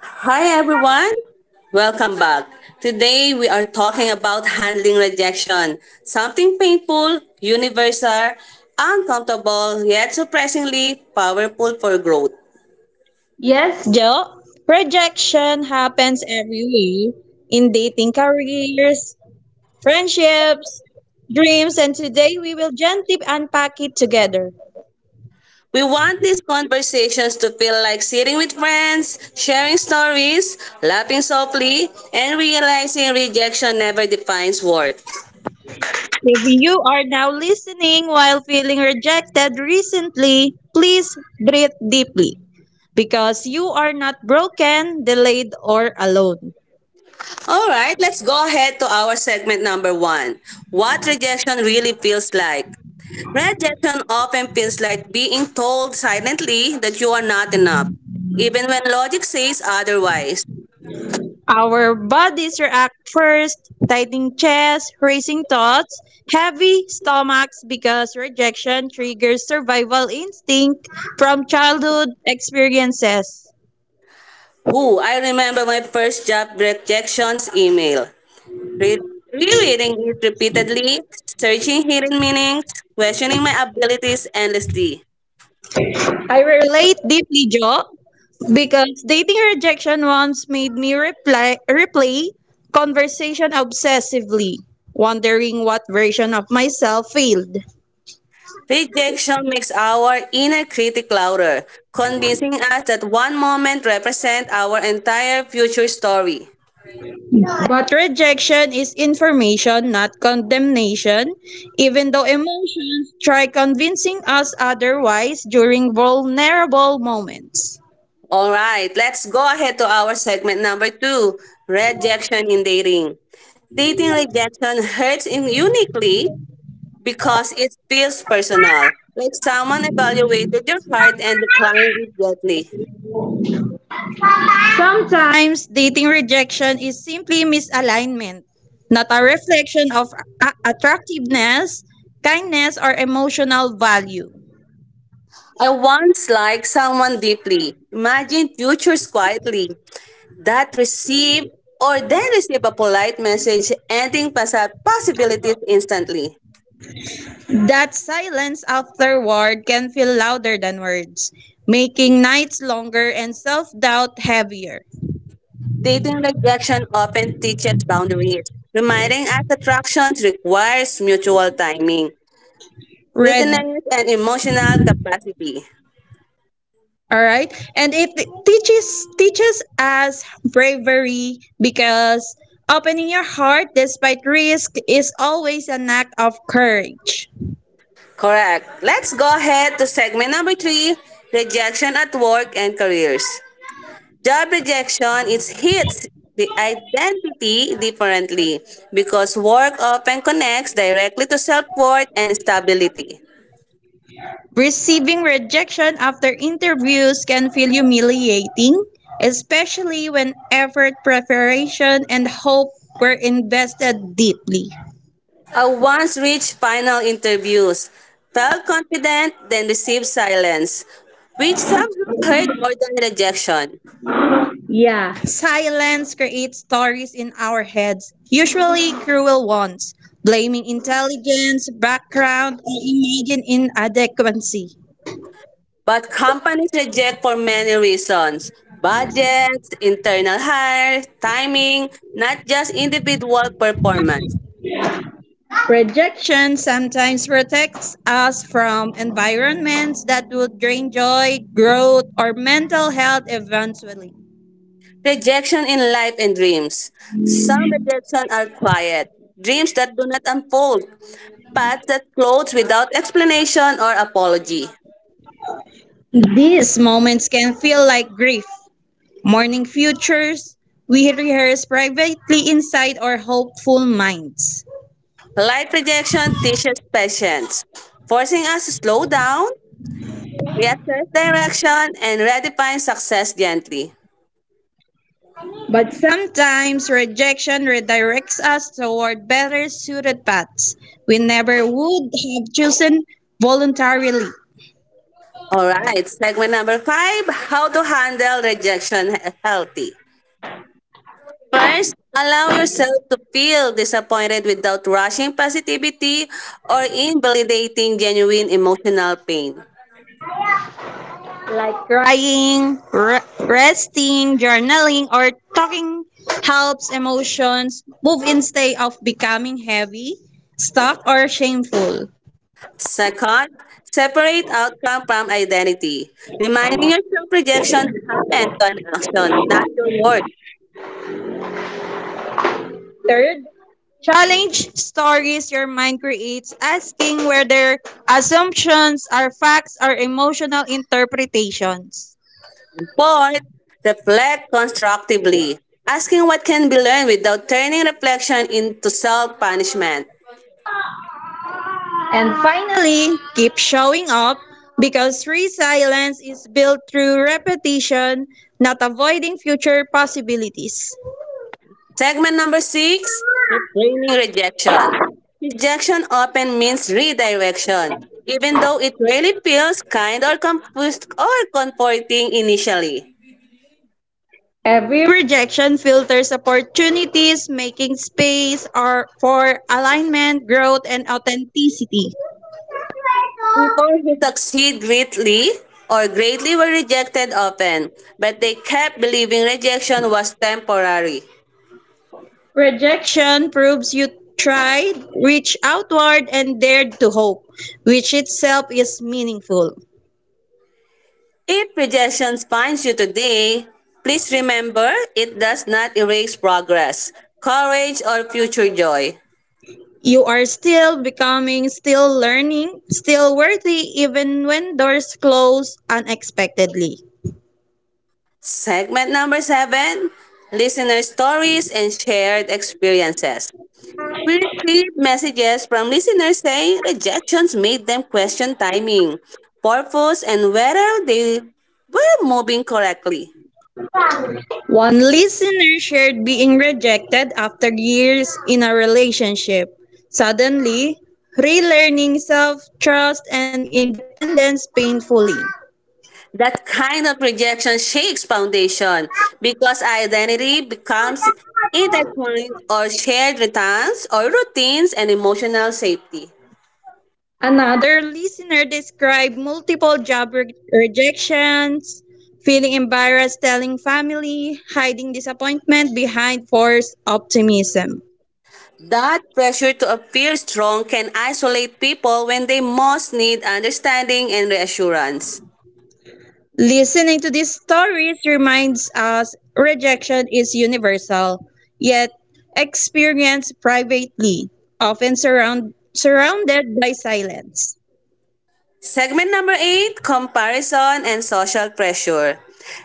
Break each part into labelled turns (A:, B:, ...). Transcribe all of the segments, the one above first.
A: Hi everyone, welcome back. Today we are talking about handling rejection, something painful, universal, uncomfortable, yet surprisingly powerful for growth.
B: Yes, Joe. Rejection happens everywhere in dating careers, friendships, dreams, and today we will gently unpack it together.
A: We want these conversations to feel like sitting with friends, sharing stories, laughing softly, and realizing rejection never defines worth.
B: If you are now listening while feeling rejected recently, please breathe deeply because you are not broken, delayed, or alone.
A: All right, let's go ahead to our segment number one. What rejection really feels like. Rejection often feels like being told silently that you are not enough, even when logic says otherwise.
B: Our bodies react first, tightening chest, racing thoughts, heavy stomachs because rejection triggers survival instinct from childhood experiences.
A: Ooh, I remember my first job rejections email. Re- Rereading it repeatedly, searching hidden meanings, questioning my abilities endlessly.
B: I relate deeply, Jo, because dating rejection once made me replay conversation obsessively, wondering what version of myself failed.
A: Rejection makes our inner critic louder, convincing us that one moment represents our entire future story.
B: But rejection is information, not condemnation, even though emotions try convincing us otherwise during vulnerable moments.
A: All right, let's go ahead to our segment number two, rejection in dating. Dating rejection hurts in uniquely because it feels personal, like someone evaluated your heart and declined it gently.
B: Sometimes dating rejection is simply misalignment, not a reflection of attractiveness, kindness, or emotional value.
A: I once liked someone deeply, imagined futures quietly, that receive or then receive a polite message ending possibilities instantly.
B: That silence afterward can feel louder than words, making nights longer and self doubt heavier.
A: Dating rejection often teaches boundaries, reminding us attractions requires mutual timing,
B: Red
A: readiness, and emotional capacity.
B: All right. And it teaches us bravery because opening your heart despite risk is always an act of courage.
A: Correct. Let's go ahead to segment number three, rejection at work and careers. Job rejection it hits the identity differently because work often connects directly to self-worth and stability.
B: Receiving rejection after interviews can feel humiliating, especially when effort, preparation, and hope were invested deeply.
A: I once reached final interviews, felt confident, then received silence, which somehow hurt more than rejection.
B: Yeah. Silence creates stories in our heads, usually cruel ones, blaming intelligence, background, or imagined inadequacy.
A: But companies reject for many reasons. Budgets, internal hire, timing, not just individual performance.
B: Rejection sometimes protects us from environments that would drain joy, growth, or mental health eventually.
A: Rejection in life and dreams. Some rejection are quiet, dreams that do not unfold, paths that close without explanation or apology.
B: These moments can feel like grief, mourning futures we rehearse privately inside our hopeful minds.
A: Light rejection teaches patience, forcing us to slow down, reassess direction, and redefine success gently.
B: But sometimes rejection redirects us toward better suited paths we never would have chosen voluntarily,
A: All right, segment number five, how to handle rejection healthy. First, allow yourself to feel disappointed without rushing positivity or invalidating genuine emotional pain.
B: like crying, resting, journaling, or talking helps emotions move instead of becoming heavy, stuck, or shameful.
A: Second, separate outcome from identity, reminding yourself rejection happened to an action, not your work.
B: Third, challenge stories your mind creates, asking whether assumptions are facts or emotional interpretations.
A: Fourth, reflect constructively, asking what can be learned without turning reflection into self punishment.
B: And finally, keep showing up because resilience is built through repetition, not avoiding future possibilities.
A: Segment number six, reframing rejection. Rejection often means redirection, even though it rarely feels kind or comforting initially.
B: Every rejection filters opportunities, making space or for alignment, growth, and authenticity.
A: People who succeed greatly were rejected often, but they kept believing rejection was temporary.
B: Rejection proves you tried, reached outward, and dared to hope, which itself is meaningful.
A: If rejection finds you today, please remember it does not erase progress, courage, or future joy.
B: You are still becoming, still learning, still worthy even when doors close unexpectedly.
A: Segment number seven, listener stories and shared experiences. We received messages from listeners saying rejections made them question timing, purpose, and whether they were moving correctly.
B: One listener shared being rejected after years in a relationship. Suddenly, relearning self trust and independence painfully.
A: That kind of rejection shakes foundation because identity becomes intertwined or shared returns or routines and emotional safety.
B: Another listener described multiple rejections, feeling embarrassed telling family, hiding disappointment behind forced optimism.
A: That pressure to appear strong can isolate people when they most need understanding and reassurance.
B: Listening to these stories reminds us rejection is universal, yet experienced privately, often surrounded by silence.
A: Segment number 8, comparison and social pressure.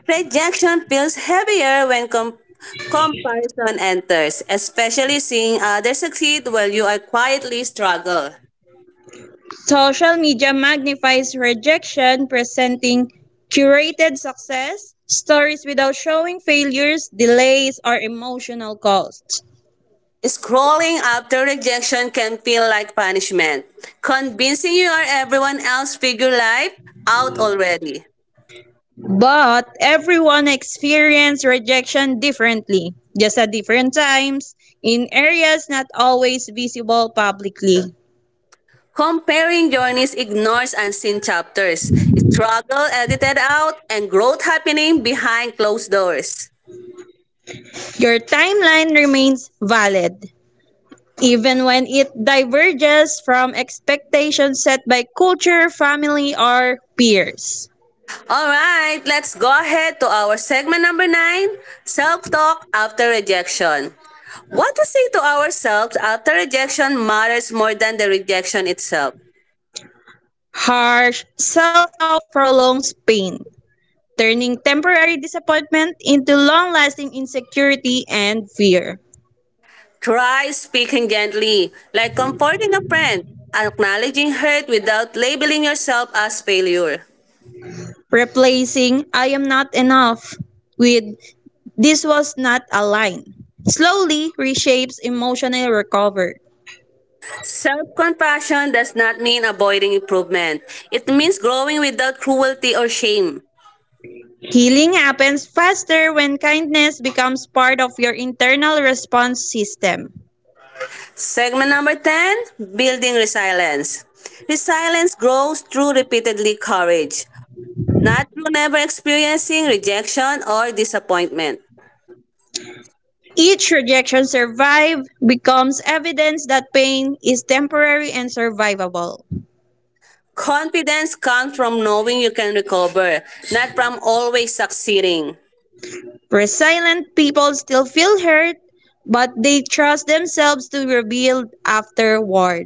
A: Rejection feels heavier when comparison enters, especially seeing others succeed while you are quietly struggle.
B: Social media magnifies rejection, presenting curated success stories without showing failures, delays, or emotional costs.
A: Scrolling after rejection can feel like punishment, convincing you are everyone else figure life out already.
B: But everyone experiences rejection differently, just at different times, in areas not always visible publicly.
A: Comparing journeys ignores unseen chapters, struggle edited out, and growth happening behind closed doors.
B: Your timeline remains valid, even when it diverges from expectations set by culture, family, or peers.
A: Alright, let's go ahead to our segment number 9, self talk after rejection. What we say to ourselves after rejection matters more than the rejection itself.
B: Harsh self-talk prolongs pain, turning temporary disappointment into long-lasting insecurity and fear.
A: Try speaking gently, like comforting a friend, acknowledging hurt without labeling yourself as failure.
B: Replacing I am not enough with this was not a line, slowly reshapes emotional recovery.
A: Self compassion does not mean avoiding improvement. It means growing without cruelty or shame.
B: Healing happens faster when kindness becomes part of your internal response system.
A: Segment number 10, building resilience. Resilience grows through repeatedly courage, not through never experiencing rejection or disappointment.
B: Each rejection survived becomes evidence that pain is temporary and survivable.
A: Confidence comes from knowing you can recover, not from always succeeding.
B: Resilient people still feel hurt, but they trust themselves to rebuild afterward.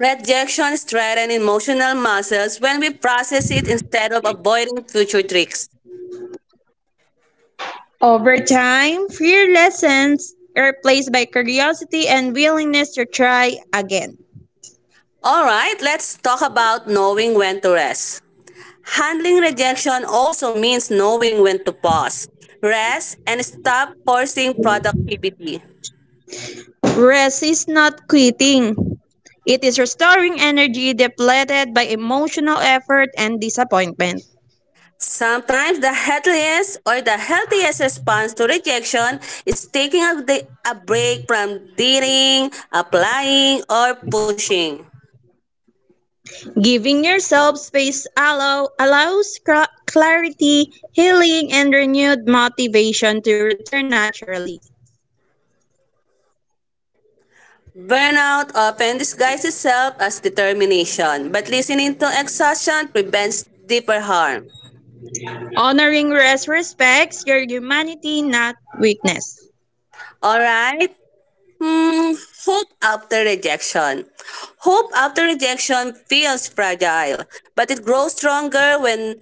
A: Rejection strengthens emotional muscles when we process it instead of avoiding future tricks.
B: Over time, fear lessens, replaced by curiosity and willingness to try again.
A: All right, let's talk about knowing when to rest. Handling rejection also means knowing when to pause, rest, and stop forcing productivity.
B: Rest is not quitting. It is restoring energy depleted by emotional effort and disappointment.
A: Sometimes the healthiest response to rejection is taking a, day, a break from dating, applying, or pushing.
B: Giving yourself space allows clarity, healing, and renewed motivation to return naturally.
A: Burnout often disguises itself as determination, but listening to exhaustion prevents deeper harm.
B: Honoring rest respects your humanity, not weakness.
A: All right. Hmm, hope after rejection. Hope after rejection feels fragile, but it grows stronger when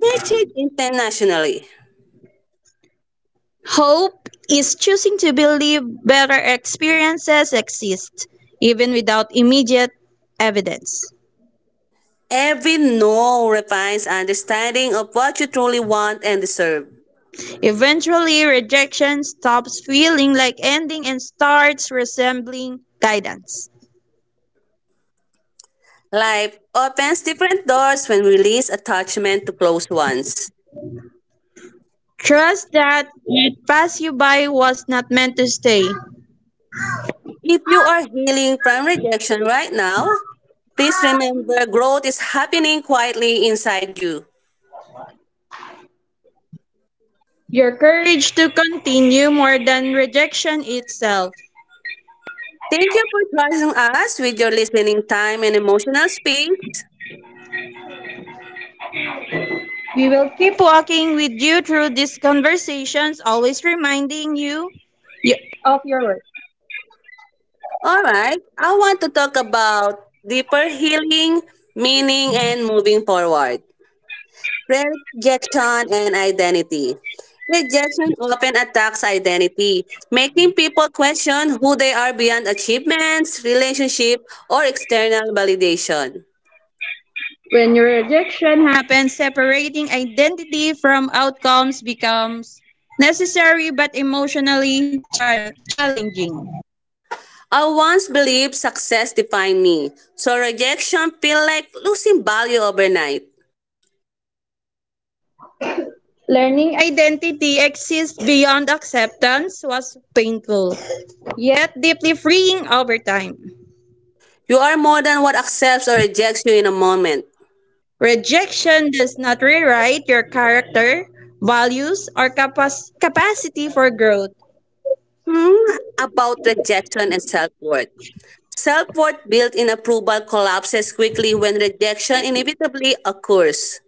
A: nurtured internationally.
B: Hope is choosing to believe better experiences exist, even without immediate evidence.
A: Every no refines understanding of what you truly want and deserve.
B: Eventually, rejection stops feeling like ending and starts resembling guidance.
A: Life opens different doors when we release attachment to closed ones.
B: Trust that what passed you by was not meant to stay.
A: If you are healing from rejection right now, please remember growth is happening quietly inside you.
B: Your courage to continue more than rejection itself.
A: Thank you for trusting us with your listening time and emotional space.
B: We will keep walking with you through these conversations, always reminding you y- of your worth.
A: All right, I want to talk about deeper healing, meaning, and moving forward. Rejection and identity. Rejection often attacks identity, making people question who they are beyond achievements, relationship, or external validation.
B: When your rejection happens, separating identity from outcomes becomes necessary but emotionally challenging.
A: I once believed success defined me, so rejection felt like losing value overnight.
B: Learning identity exists beyond acceptance was painful, yet deeply freeing over time.
A: You are more than what accepts or rejects you in a moment.
B: Rejection does not rewrite your character, values, or capacity for growth.
A: Hmm, about rejection and self worth. Self worth built in approval collapses quickly when rejection inevitably occurs.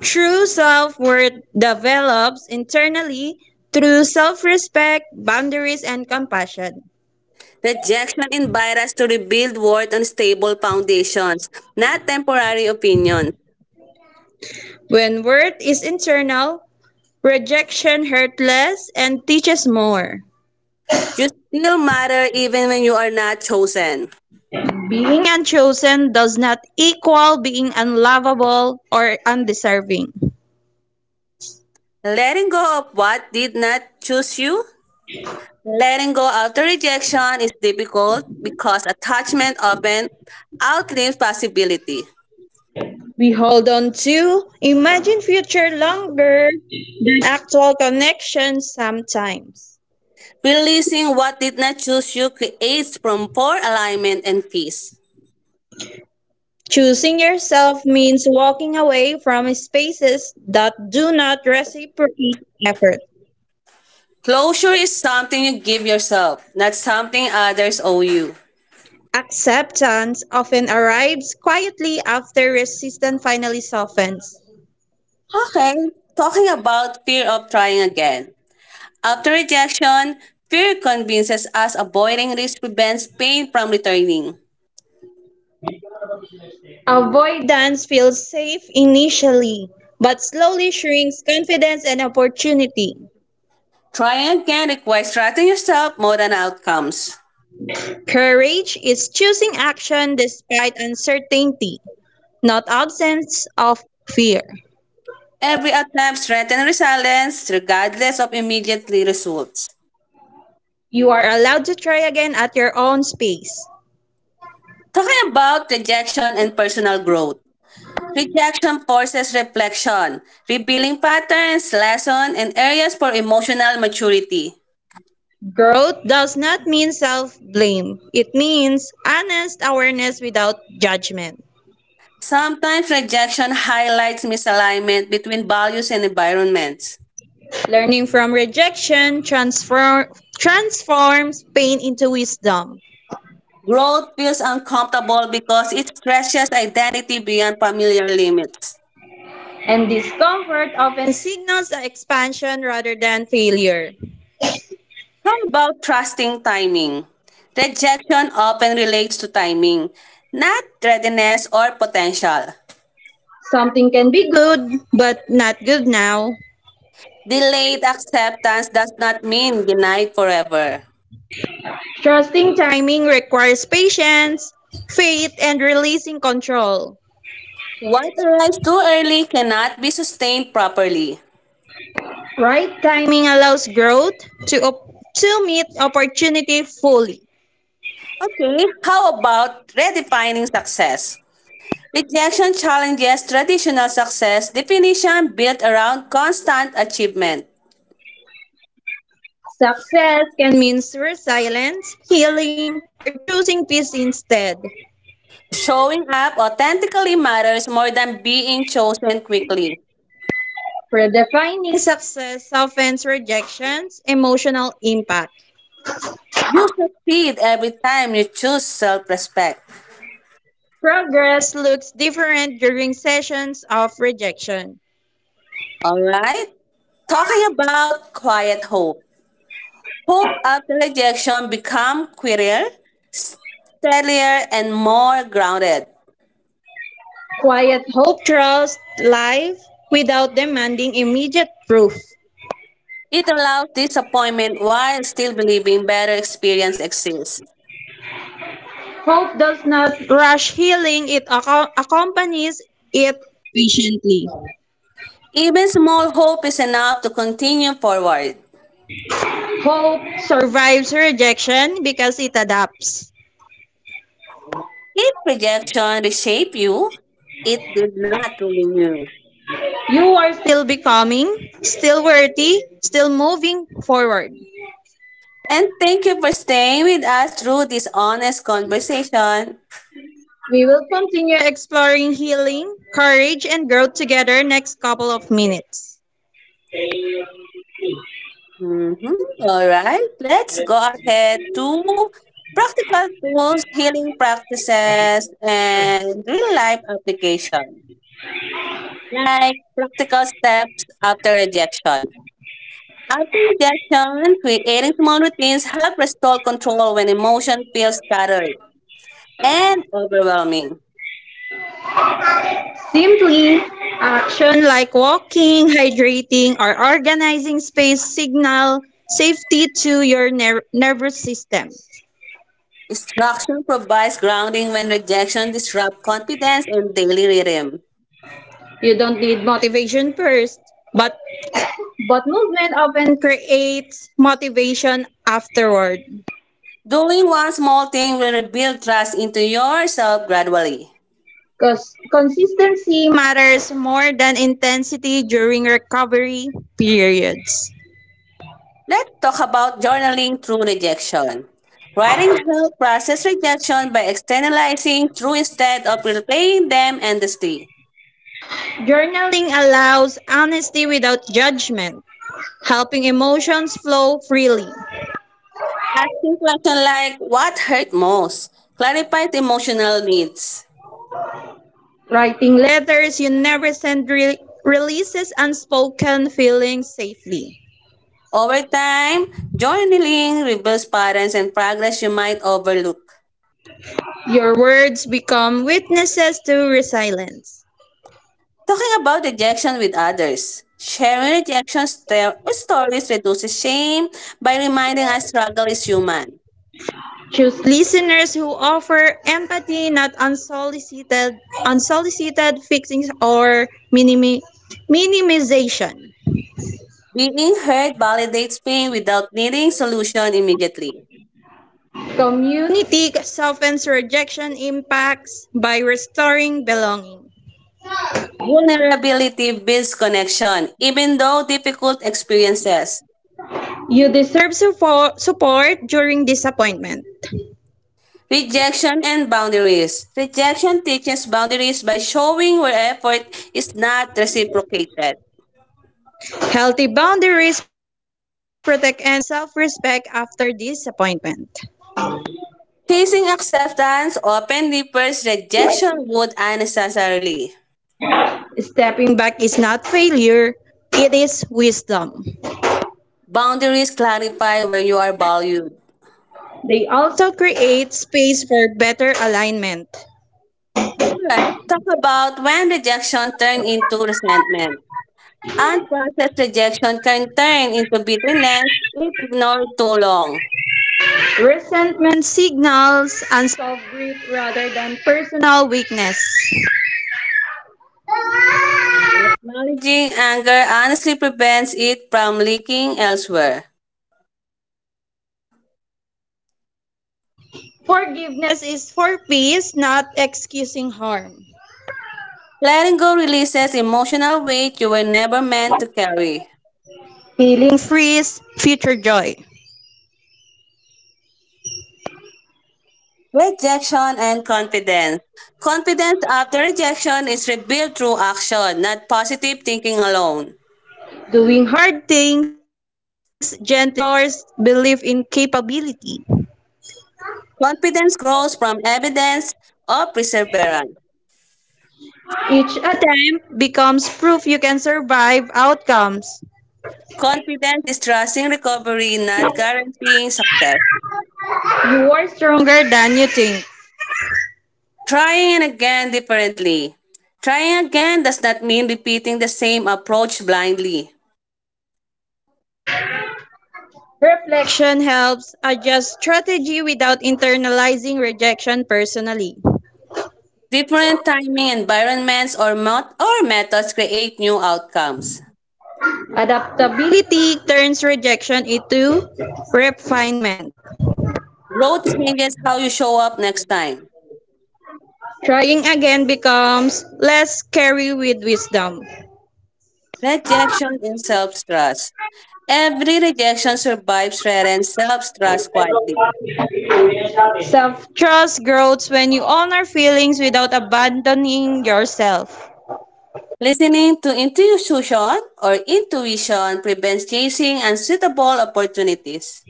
B: True self worth develops internally through self respect, boundaries, and compassion.
A: Rejection invites us to rebuild worth on stable foundations, not temporary opinions.
B: When worth is internal, rejection hurts less and teaches more.
A: You still matter even when you are not chosen.
B: Being unchosen does not equal being unlovable or undeserving.
A: Letting go of what did not choose you. Letting go after rejection is difficult because attachment often outlives possibility.
B: We hold on to, imagine future longer, than actual connections sometimes.
A: Releasing what did not choose you creates from poor alignment and peace.
B: Choosing yourself means walking away from spaces that do not reciprocate effort.
A: Closure is something you give yourself, not something others owe you.
B: Acceptance often arrives quietly after resistance finally softens.
A: Okay, talking about fear of trying again. After rejection, fear convinces us avoiding risk prevents pain from returning.
B: Avoidance feels safe initially, but slowly shrinks confidence and opportunity.
A: Trying again requires trusting yourself more than outcomes.
B: Courage is choosing action despite uncertainty, not absence of fear.
A: Every attempt threaten resilience regardless of immediately results.
B: You are allowed to try again at your own space.
A: Talking about rejection and personal growth. Rejection forces reflection, revealing patterns, lessons, and areas for emotional maturity.
B: Growth does not mean self blame, it means honest awareness without judgment.
A: Sometimes rejection highlights misalignment between values and environments.
B: Learning from transforms pain into wisdom,
A: Growth feels uncomfortable because it stretches identity beyond familiar limits.
B: and discomfort often signals expansion rather than failure.
A: How about trusting timing? Rejection often relates to timing, not readiness or potential.
B: Something can be good, but not good now.
A: Delayed acceptance does not mean denied forever.
B: Trusting timing requires patience, faith, and releasing control.
A: What arrives too early cannot be sustained properly.
B: Right timing allows growth to meet opportunity fully.
A: Okay, how about redefining success? Rejection challenges traditional success definition built around constant achievement.
B: Success can mean resilience, healing, or choosing peace instead.
A: Showing up authentically matters more than being chosen quickly.
B: Redefining success softens rejection's emotional impact.
A: You succeed every time you choose self respect.
B: Progress looks different during sessions of rejection.
A: Alright? Talking about quiet hope. Hope after rejection become queerer, steadier, and more grounded.
B: Quiet hope trusts life without demanding immediate proof.
A: It allows disappointment while still believing better experience exists.
B: Hope does not rush healing, it accompanies it patiently.
A: Even small hope is enough to continue forward.
B: Hope survives rejection because it adapts.
A: If rejection reshape you, it did not ruin you.
B: You are still becoming, still worthy, still moving forward.
A: And thank you for staying with us through this honest conversation.
B: We will continue exploring healing, courage, and growth together next couple of minutes.
A: Mm-hmm. All right, let's go ahead to practical tools, healing practices, and real life application, like practical steps after rejection. After rejection, creating small routines help restore control when emotion feels scattered and overwhelming.
B: Simply action. Like walking, hydrating, or organizing space signal safety to your nervous system.
A: Instruction provides grounding when rejection disrupts confidence and daily rhythm.
B: You don't need motivation, first, but but movement often creates motivation afterward.
A: Doing one small thing will rebuild trust into yourself gradually.
B: Because consistency matters more than intensity during recovery periods.
A: Let's talk about journaling through rejection. Writing helps process rejection by externalizing through instead of replaying them endlessly.
B: Journaling allows honesty without judgment, helping emotions flow freely.
A: Asking questions like what hurt most clarifies emotional needs.
B: Writing letters you never send releases unspoken feelings safely.
A: Over time, journaling reveals patterns and progress you might overlook.
B: Your words become witnesses to resilience.
A: Talking about rejection with others. Sharing rejection stories reduces shame by reminding us struggle is human.
B: Choose listeners who offer empathy, not unsolicited, unsolicited fixings or minimi- minimization.
A: Being heard validates pain without needing solution immediately.
B: Community softens rejection impacts by restoring belonging.
A: Vulnerability builds connection, even though difficult experiences.
B: You deserve support during disappointment.
A: Rejection and boundaries. Rejection teaches boundaries by showing where effort is not reciprocated.
B: Healthy boundaries protect energy and self respect after disappointment.
A: Chasing acceptance often defers rejection would unnecessarily.
B: Stepping back is not failure, it is wisdom.
A: Boundaries clarify where you are valued.
B: They also create space for better alignment.
A: Alright, talk about when rejection turns into resentment. Unprocessed rejection can turn into bitterness if ignored too long.
B: Resentment signals unsolved grief rather than personal weakness.
A: Acknowledging anger honestly prevents it from leaking elsewhere.
B: Forgiveness is for peace, not excusing harm.
A: Letting go releases emotional weight you were never meant to carry.
B: Healing frees future joy.
A: Rejection and confidence. Confidence after rejection is rebuilt through action, not positive thinking alone.
B: Doing hard things gently restores belief in capability.
A: Confidence grows from evidence of perseverance.
B: Each attempt becomes proof you can survive outcomes.
A: Confidence is trusting recovery, not guaranteeing success.
B: You are stronger than you think.
A: Trying again differently. Trying again does not mean repeating the same approach blindly.
B: Reflection helps adjust strategy without internalizing rejection personally.
A: Different timing environments or methods create new outcomes.
B: Adaptability turns rejection into refinement.
A: Growth changes how you show up next time.
B: Trying again becomes less scary with wisdom.
A: Rejection and self trust. Every rejection survives threatens self trust quietly.
B: Self trust grows when you honor feelings without abandoning yourself.
A: Listening to intuition prevents chasing unsuitable opportunities.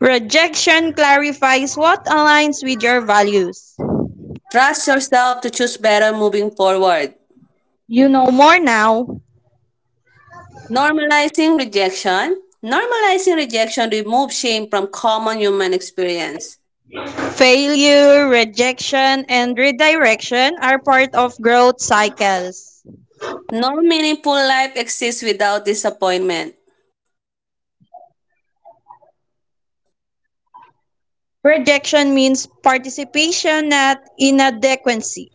B: Rejection clarifies what aligns with your values.
A: Trust yourself to choose better moving forward.
B: You know more now.
A: Normalizing rejection. Normalizing rejection removes shame from common human experience.
B: Failure, rejection, and redirection are part of growth cycles.
A: No meaningful life exists without disappointment.
B: Rejection means participation at inadequacy.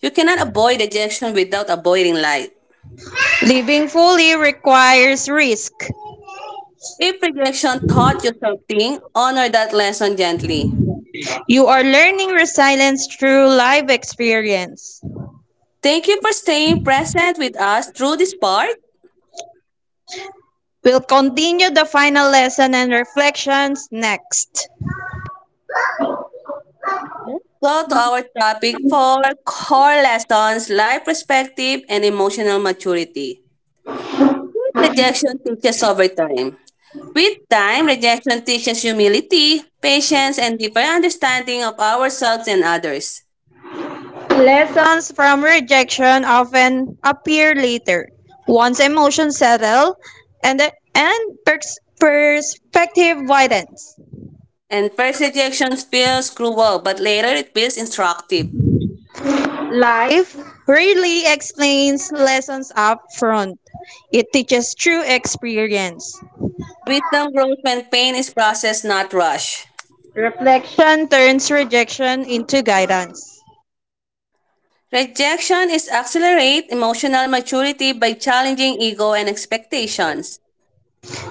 A: You cannot avoid rejection without avoiding life.
B: Living fully requires risk.
A: If rejection taught you something, honor that lesson gently.
B: You are learning resilience through life experience.
A: Thank you for staying present with us through this part.
B: We'll continue the final lesson and reflections next.
A: Let's go to our topic for core lessons, life perspective, and emotional maturity. What rejection teaches over time. With time, rejection teaches humility, patience, and deeper understanding of ourselves and others.
B: Lessons from rejection often appear later, once emotions settle and, and perspective widens.
A: And first rejection feels cruel, but later it feels instructive.
B: Life rarely explains lessons up front, it teaches through experience.
A: Wisdom grows when pain is processed, not rushed.
B: Reflection turns rejection into guidance.
A: Rejection is accelerate emotional maturity by challenging ego and expectations.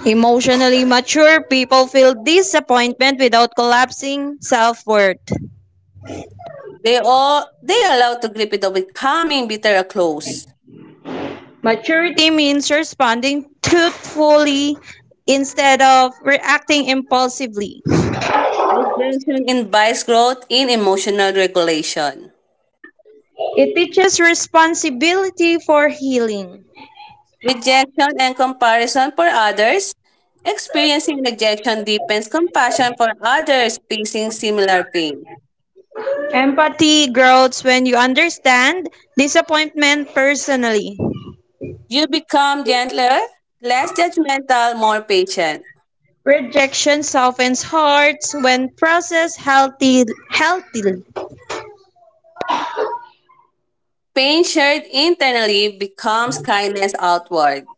B: Emotionally mature people feel disappointment without collapsing self worth.
A: They allow to grip it with calming bitter or close.
B: Maturity means responding truthfully instead of reacting impulsively.
A: Rejection invites growth in emotional regulation.
B: It teaches responsibility for healing.
A: Rejection and comparison for others. Experiencing rejection deepens compassion for others facing similar pain.
B: Empathy grows when you understand disappointment personally.
A: You become gentler, less judgmental, more patient.
B: Rejection softens hearts when processed healthily.
A: Pain shared internally becomes kindness outward.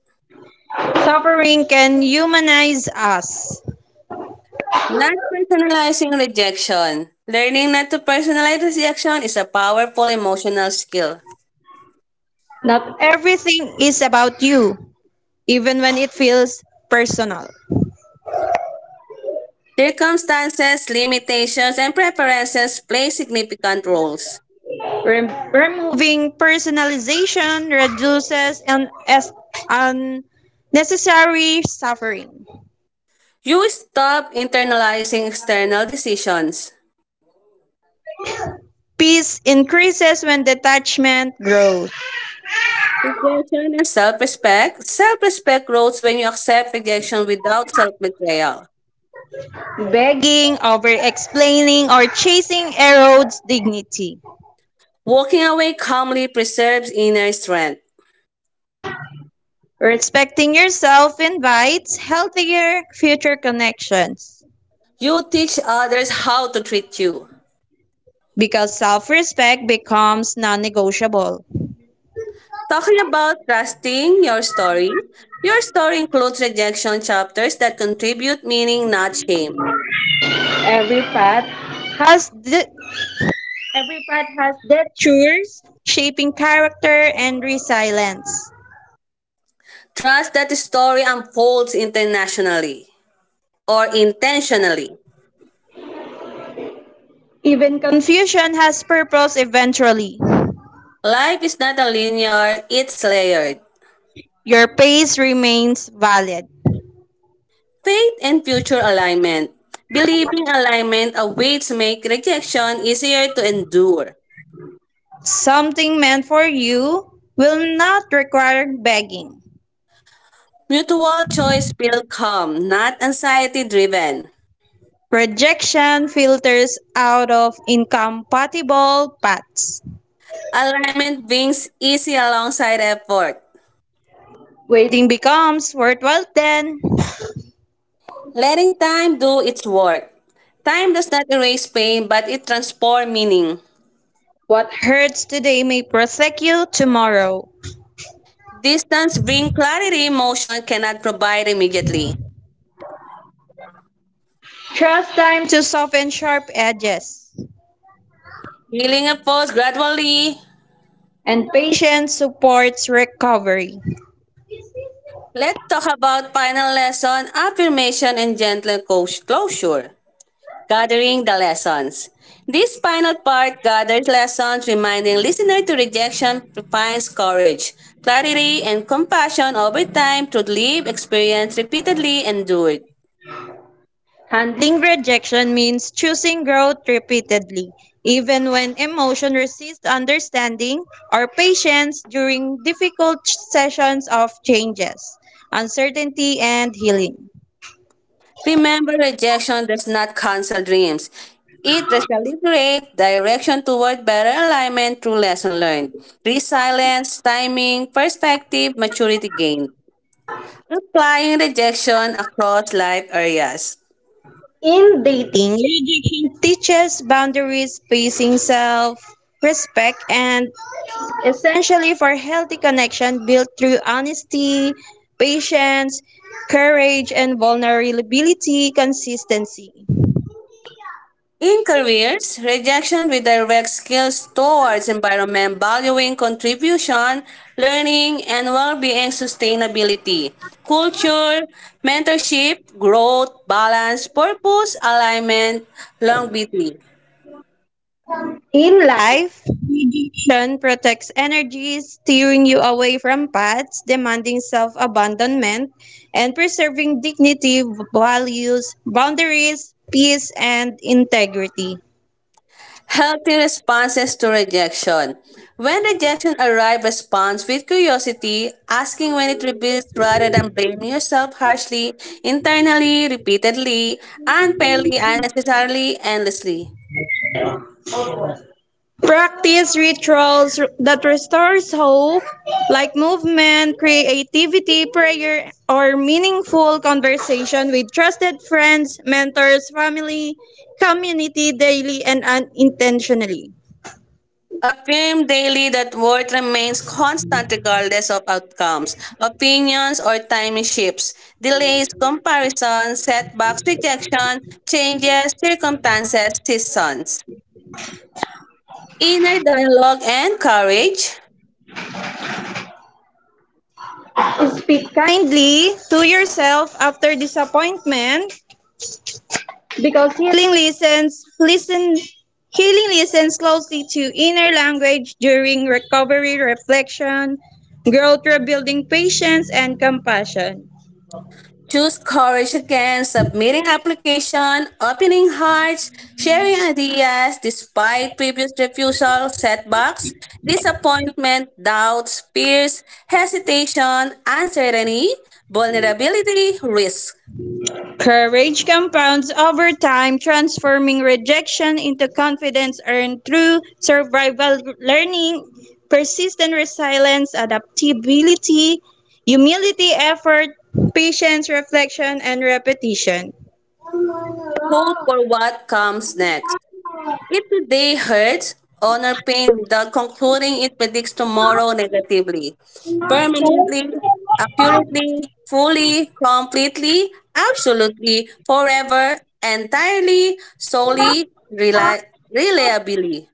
B: Suffering can humanize us.
A: Not personalizing rejection. Learning not to personalize rejection is a powerful emotional skill.
B: Not everything is about you, even when it feels personal.
A: Circumstances, limitations, and preferences play significant roles.
B: Removing personalization reduces unnecessary suffering.
A: You stop internalizing external decisions.
B: Peace increases when detachment grows.
A: Rejection as self respect. Self respect grows when you accept rejection without self betrayal.
B: Begging, over explaining, or chasing erodes dignity.
A: Walking away calmly preserves inner strength.
B: Respecting yourself invites healthier future connections
A: You teach others how to treat you.
B: because self respect becomes non negotiable.
A: Talking about trusting your story includes rejection chapters that contribute meaning, not shame.
B: Every path has de- Every part has detours, shaping character and resilience.
A: Trust that the story unfolds internationally or intentionally.
B: Even confusion has purpose eventually.
A: Life is not a linear, it's layered.
B: Your pace remains valid.
A: Faith and future alignment. Believing alignment awaits make rejection easier to endure.
B: Something meant for you will not require begging.
A: Mutual choice feel calm, not anxiety driven.
B: Rejection filters out of incompatible paths.
A: Alignment brings easy alongside effort.
B: Waiting becomes worthwhile then.
A: Letting time do its work. Time does not erase pain, but it transforms meaning.
B: What hurts today may prosecute you tomorrow.
A: Distance brings clarity emotion cannot provide immediately.
B: Trust time to soften sharp edges
A: Healing unfolds gradually.
B: and patience supports recovery.
A: Let's talk about final lesson, affirmation, and gentle closure. Gathering the lessons. This final part gathers lessons, reminding listener to rejection finds courage, clarity, and compassion over time through lived experience repeatedly endured.
B: Handling rejection means choosing growth repeatedly, even when emotion resists understanding or patience during difficult sessions of changes, uncertainty, and healing.
A: Remember, rejection does not cancel dreams. It recalibrates direction toward better alignment through lesson learned, resilience, timing, perspective, maturity gained. Applying rejection across life areas.
B: In dating, rejection teaches boundaries, pacing self, respect, and essentially for healthy connection built through honesty, patience, courage, and vulnerability consistency.
A: In careers, rejection redirects skills towards environment valuing contribution, learning, and well-being sustainability, culture, mentorship, growth, balance, purpose, alignment, longevity.
B: In life, Sun protects energy, steering you away from paths demanding self abandonment, and preserving dignity, values, boundaries, peace, and integrity.
A: Healthy responses to rejection. When rejection arrives, respond with curiosity, asking when it reveals rather than blaming yourself harshly, internally, repeatedly, unfairly, unnecessarily, endlessly.
B: Practice rituals that restores hope, like movement, creativity, prayer, or meaningful conversation with trusted friends, mentors, family, community daily and unintentionally.
A: Affirm daily that worth remains constant regardless of outcomes, opinions, or timing shifts, delays, comparisons, setbacks, rejection, changes, circumstances, seasons. Inner dialogue and courage.
B: Speak kindly to yourself after disappointment because healing listens closely to inner language during recovery, reflection, growth, rebuilding patience and compassion.
A: Choose courage again, submitting application, opening hearts, sharing ideas despite previous refusal, setbacks, disappointment, doubts, fears, hesitation, uncertainty, vulnerability, risk.
B: Courage compounds over time, transforming rejection into confidence earned through survival learning, persistent resilience, adaptability, humility, effort, patience, reflection, and repetition.
A: Hope for what comes next. If today hurts, honor pain without concluding it predicts tomorrow negatively, permanently, accurately, fully, completely, absolutely, forever, entirely, solely, reliably.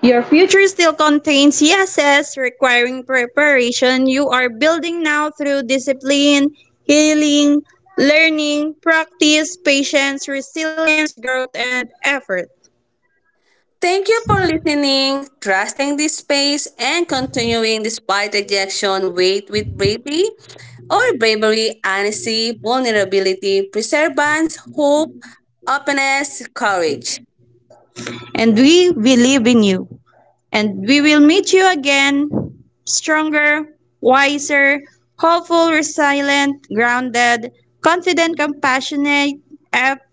B: Your future still contains yeses requiring preparation. You are building now through discipline, healing, learning, practice, patience, resilience, growth, and effort.
A: Thank you for listening, trusting this space, and continuing despite rejection. Wait with bravery, honesty, vulnerability, perseverance, hope, openness, courage.
B: And we believe in you. And we will meet you again stronger, wiser, hopeful, resilient, grounded, confident, compassionate,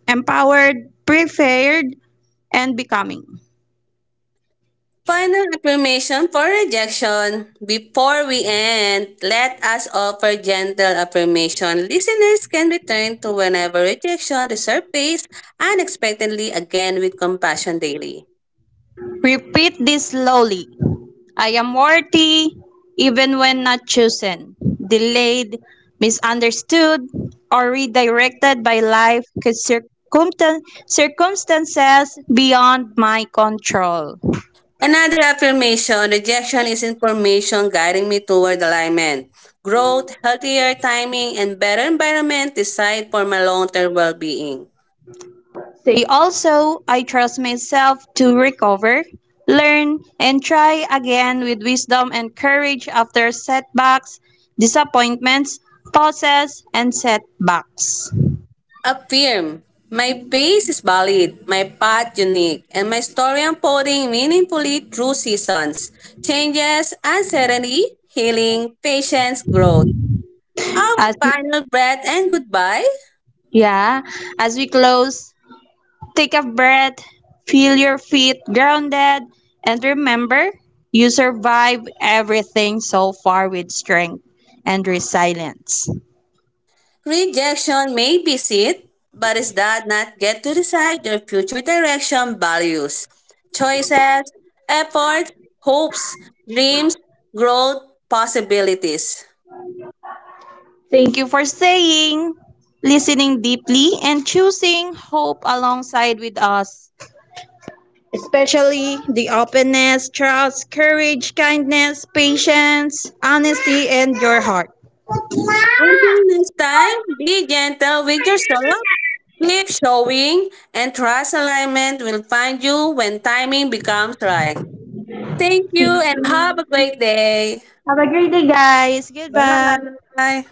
B: empowered, prepared, and becoming.
A: Final affirmation for rejection. Before we end, let us offer gentle affirmation. Listeners can return to whenever rejection resurfaces unexpectedly again with compassion daily.
B: Repeat this slowly. I am worthy even when not chosen, delayed, misunderstood, or redirected by life circumstan- circumstances beyond my control.
A: Another affirmation, rejection is information guiding me toward alignment, growth, healthier timing, and better environment designed for my long-term well-being.
B: Say also, I trust myself to recover, learn, and try again with wisdom and courage after setbacks, disappointments, pauses, and setbacks.
A: Affirm. My pace is valid, my path unique, and my story unfolding meaningfully through seasons, changes, uncertainty, healing, patience, growth. Our
B: As
A: final breath and goodbye.
B: yeah, as we close, take a breath, feel your feet grounded, and remember you survived everything so far with strength and resilience.
A: Rejection may be it, but it does not get to decide your future direction, values, choices, efforts, hopes, dreams, growth, possibilities.
B: Thank you for staying, listening deeply, and choosing hope alongside with us. Especially the openness, trust, courage, kindness, patience, honesty, and your heart.
A: Until next time, be gentle with yourself, keep showing, and trust alignment will find you when timing becomes right. Thank you and have a great day.
B: Have a great day, guys. Goodbye.
A: Bye.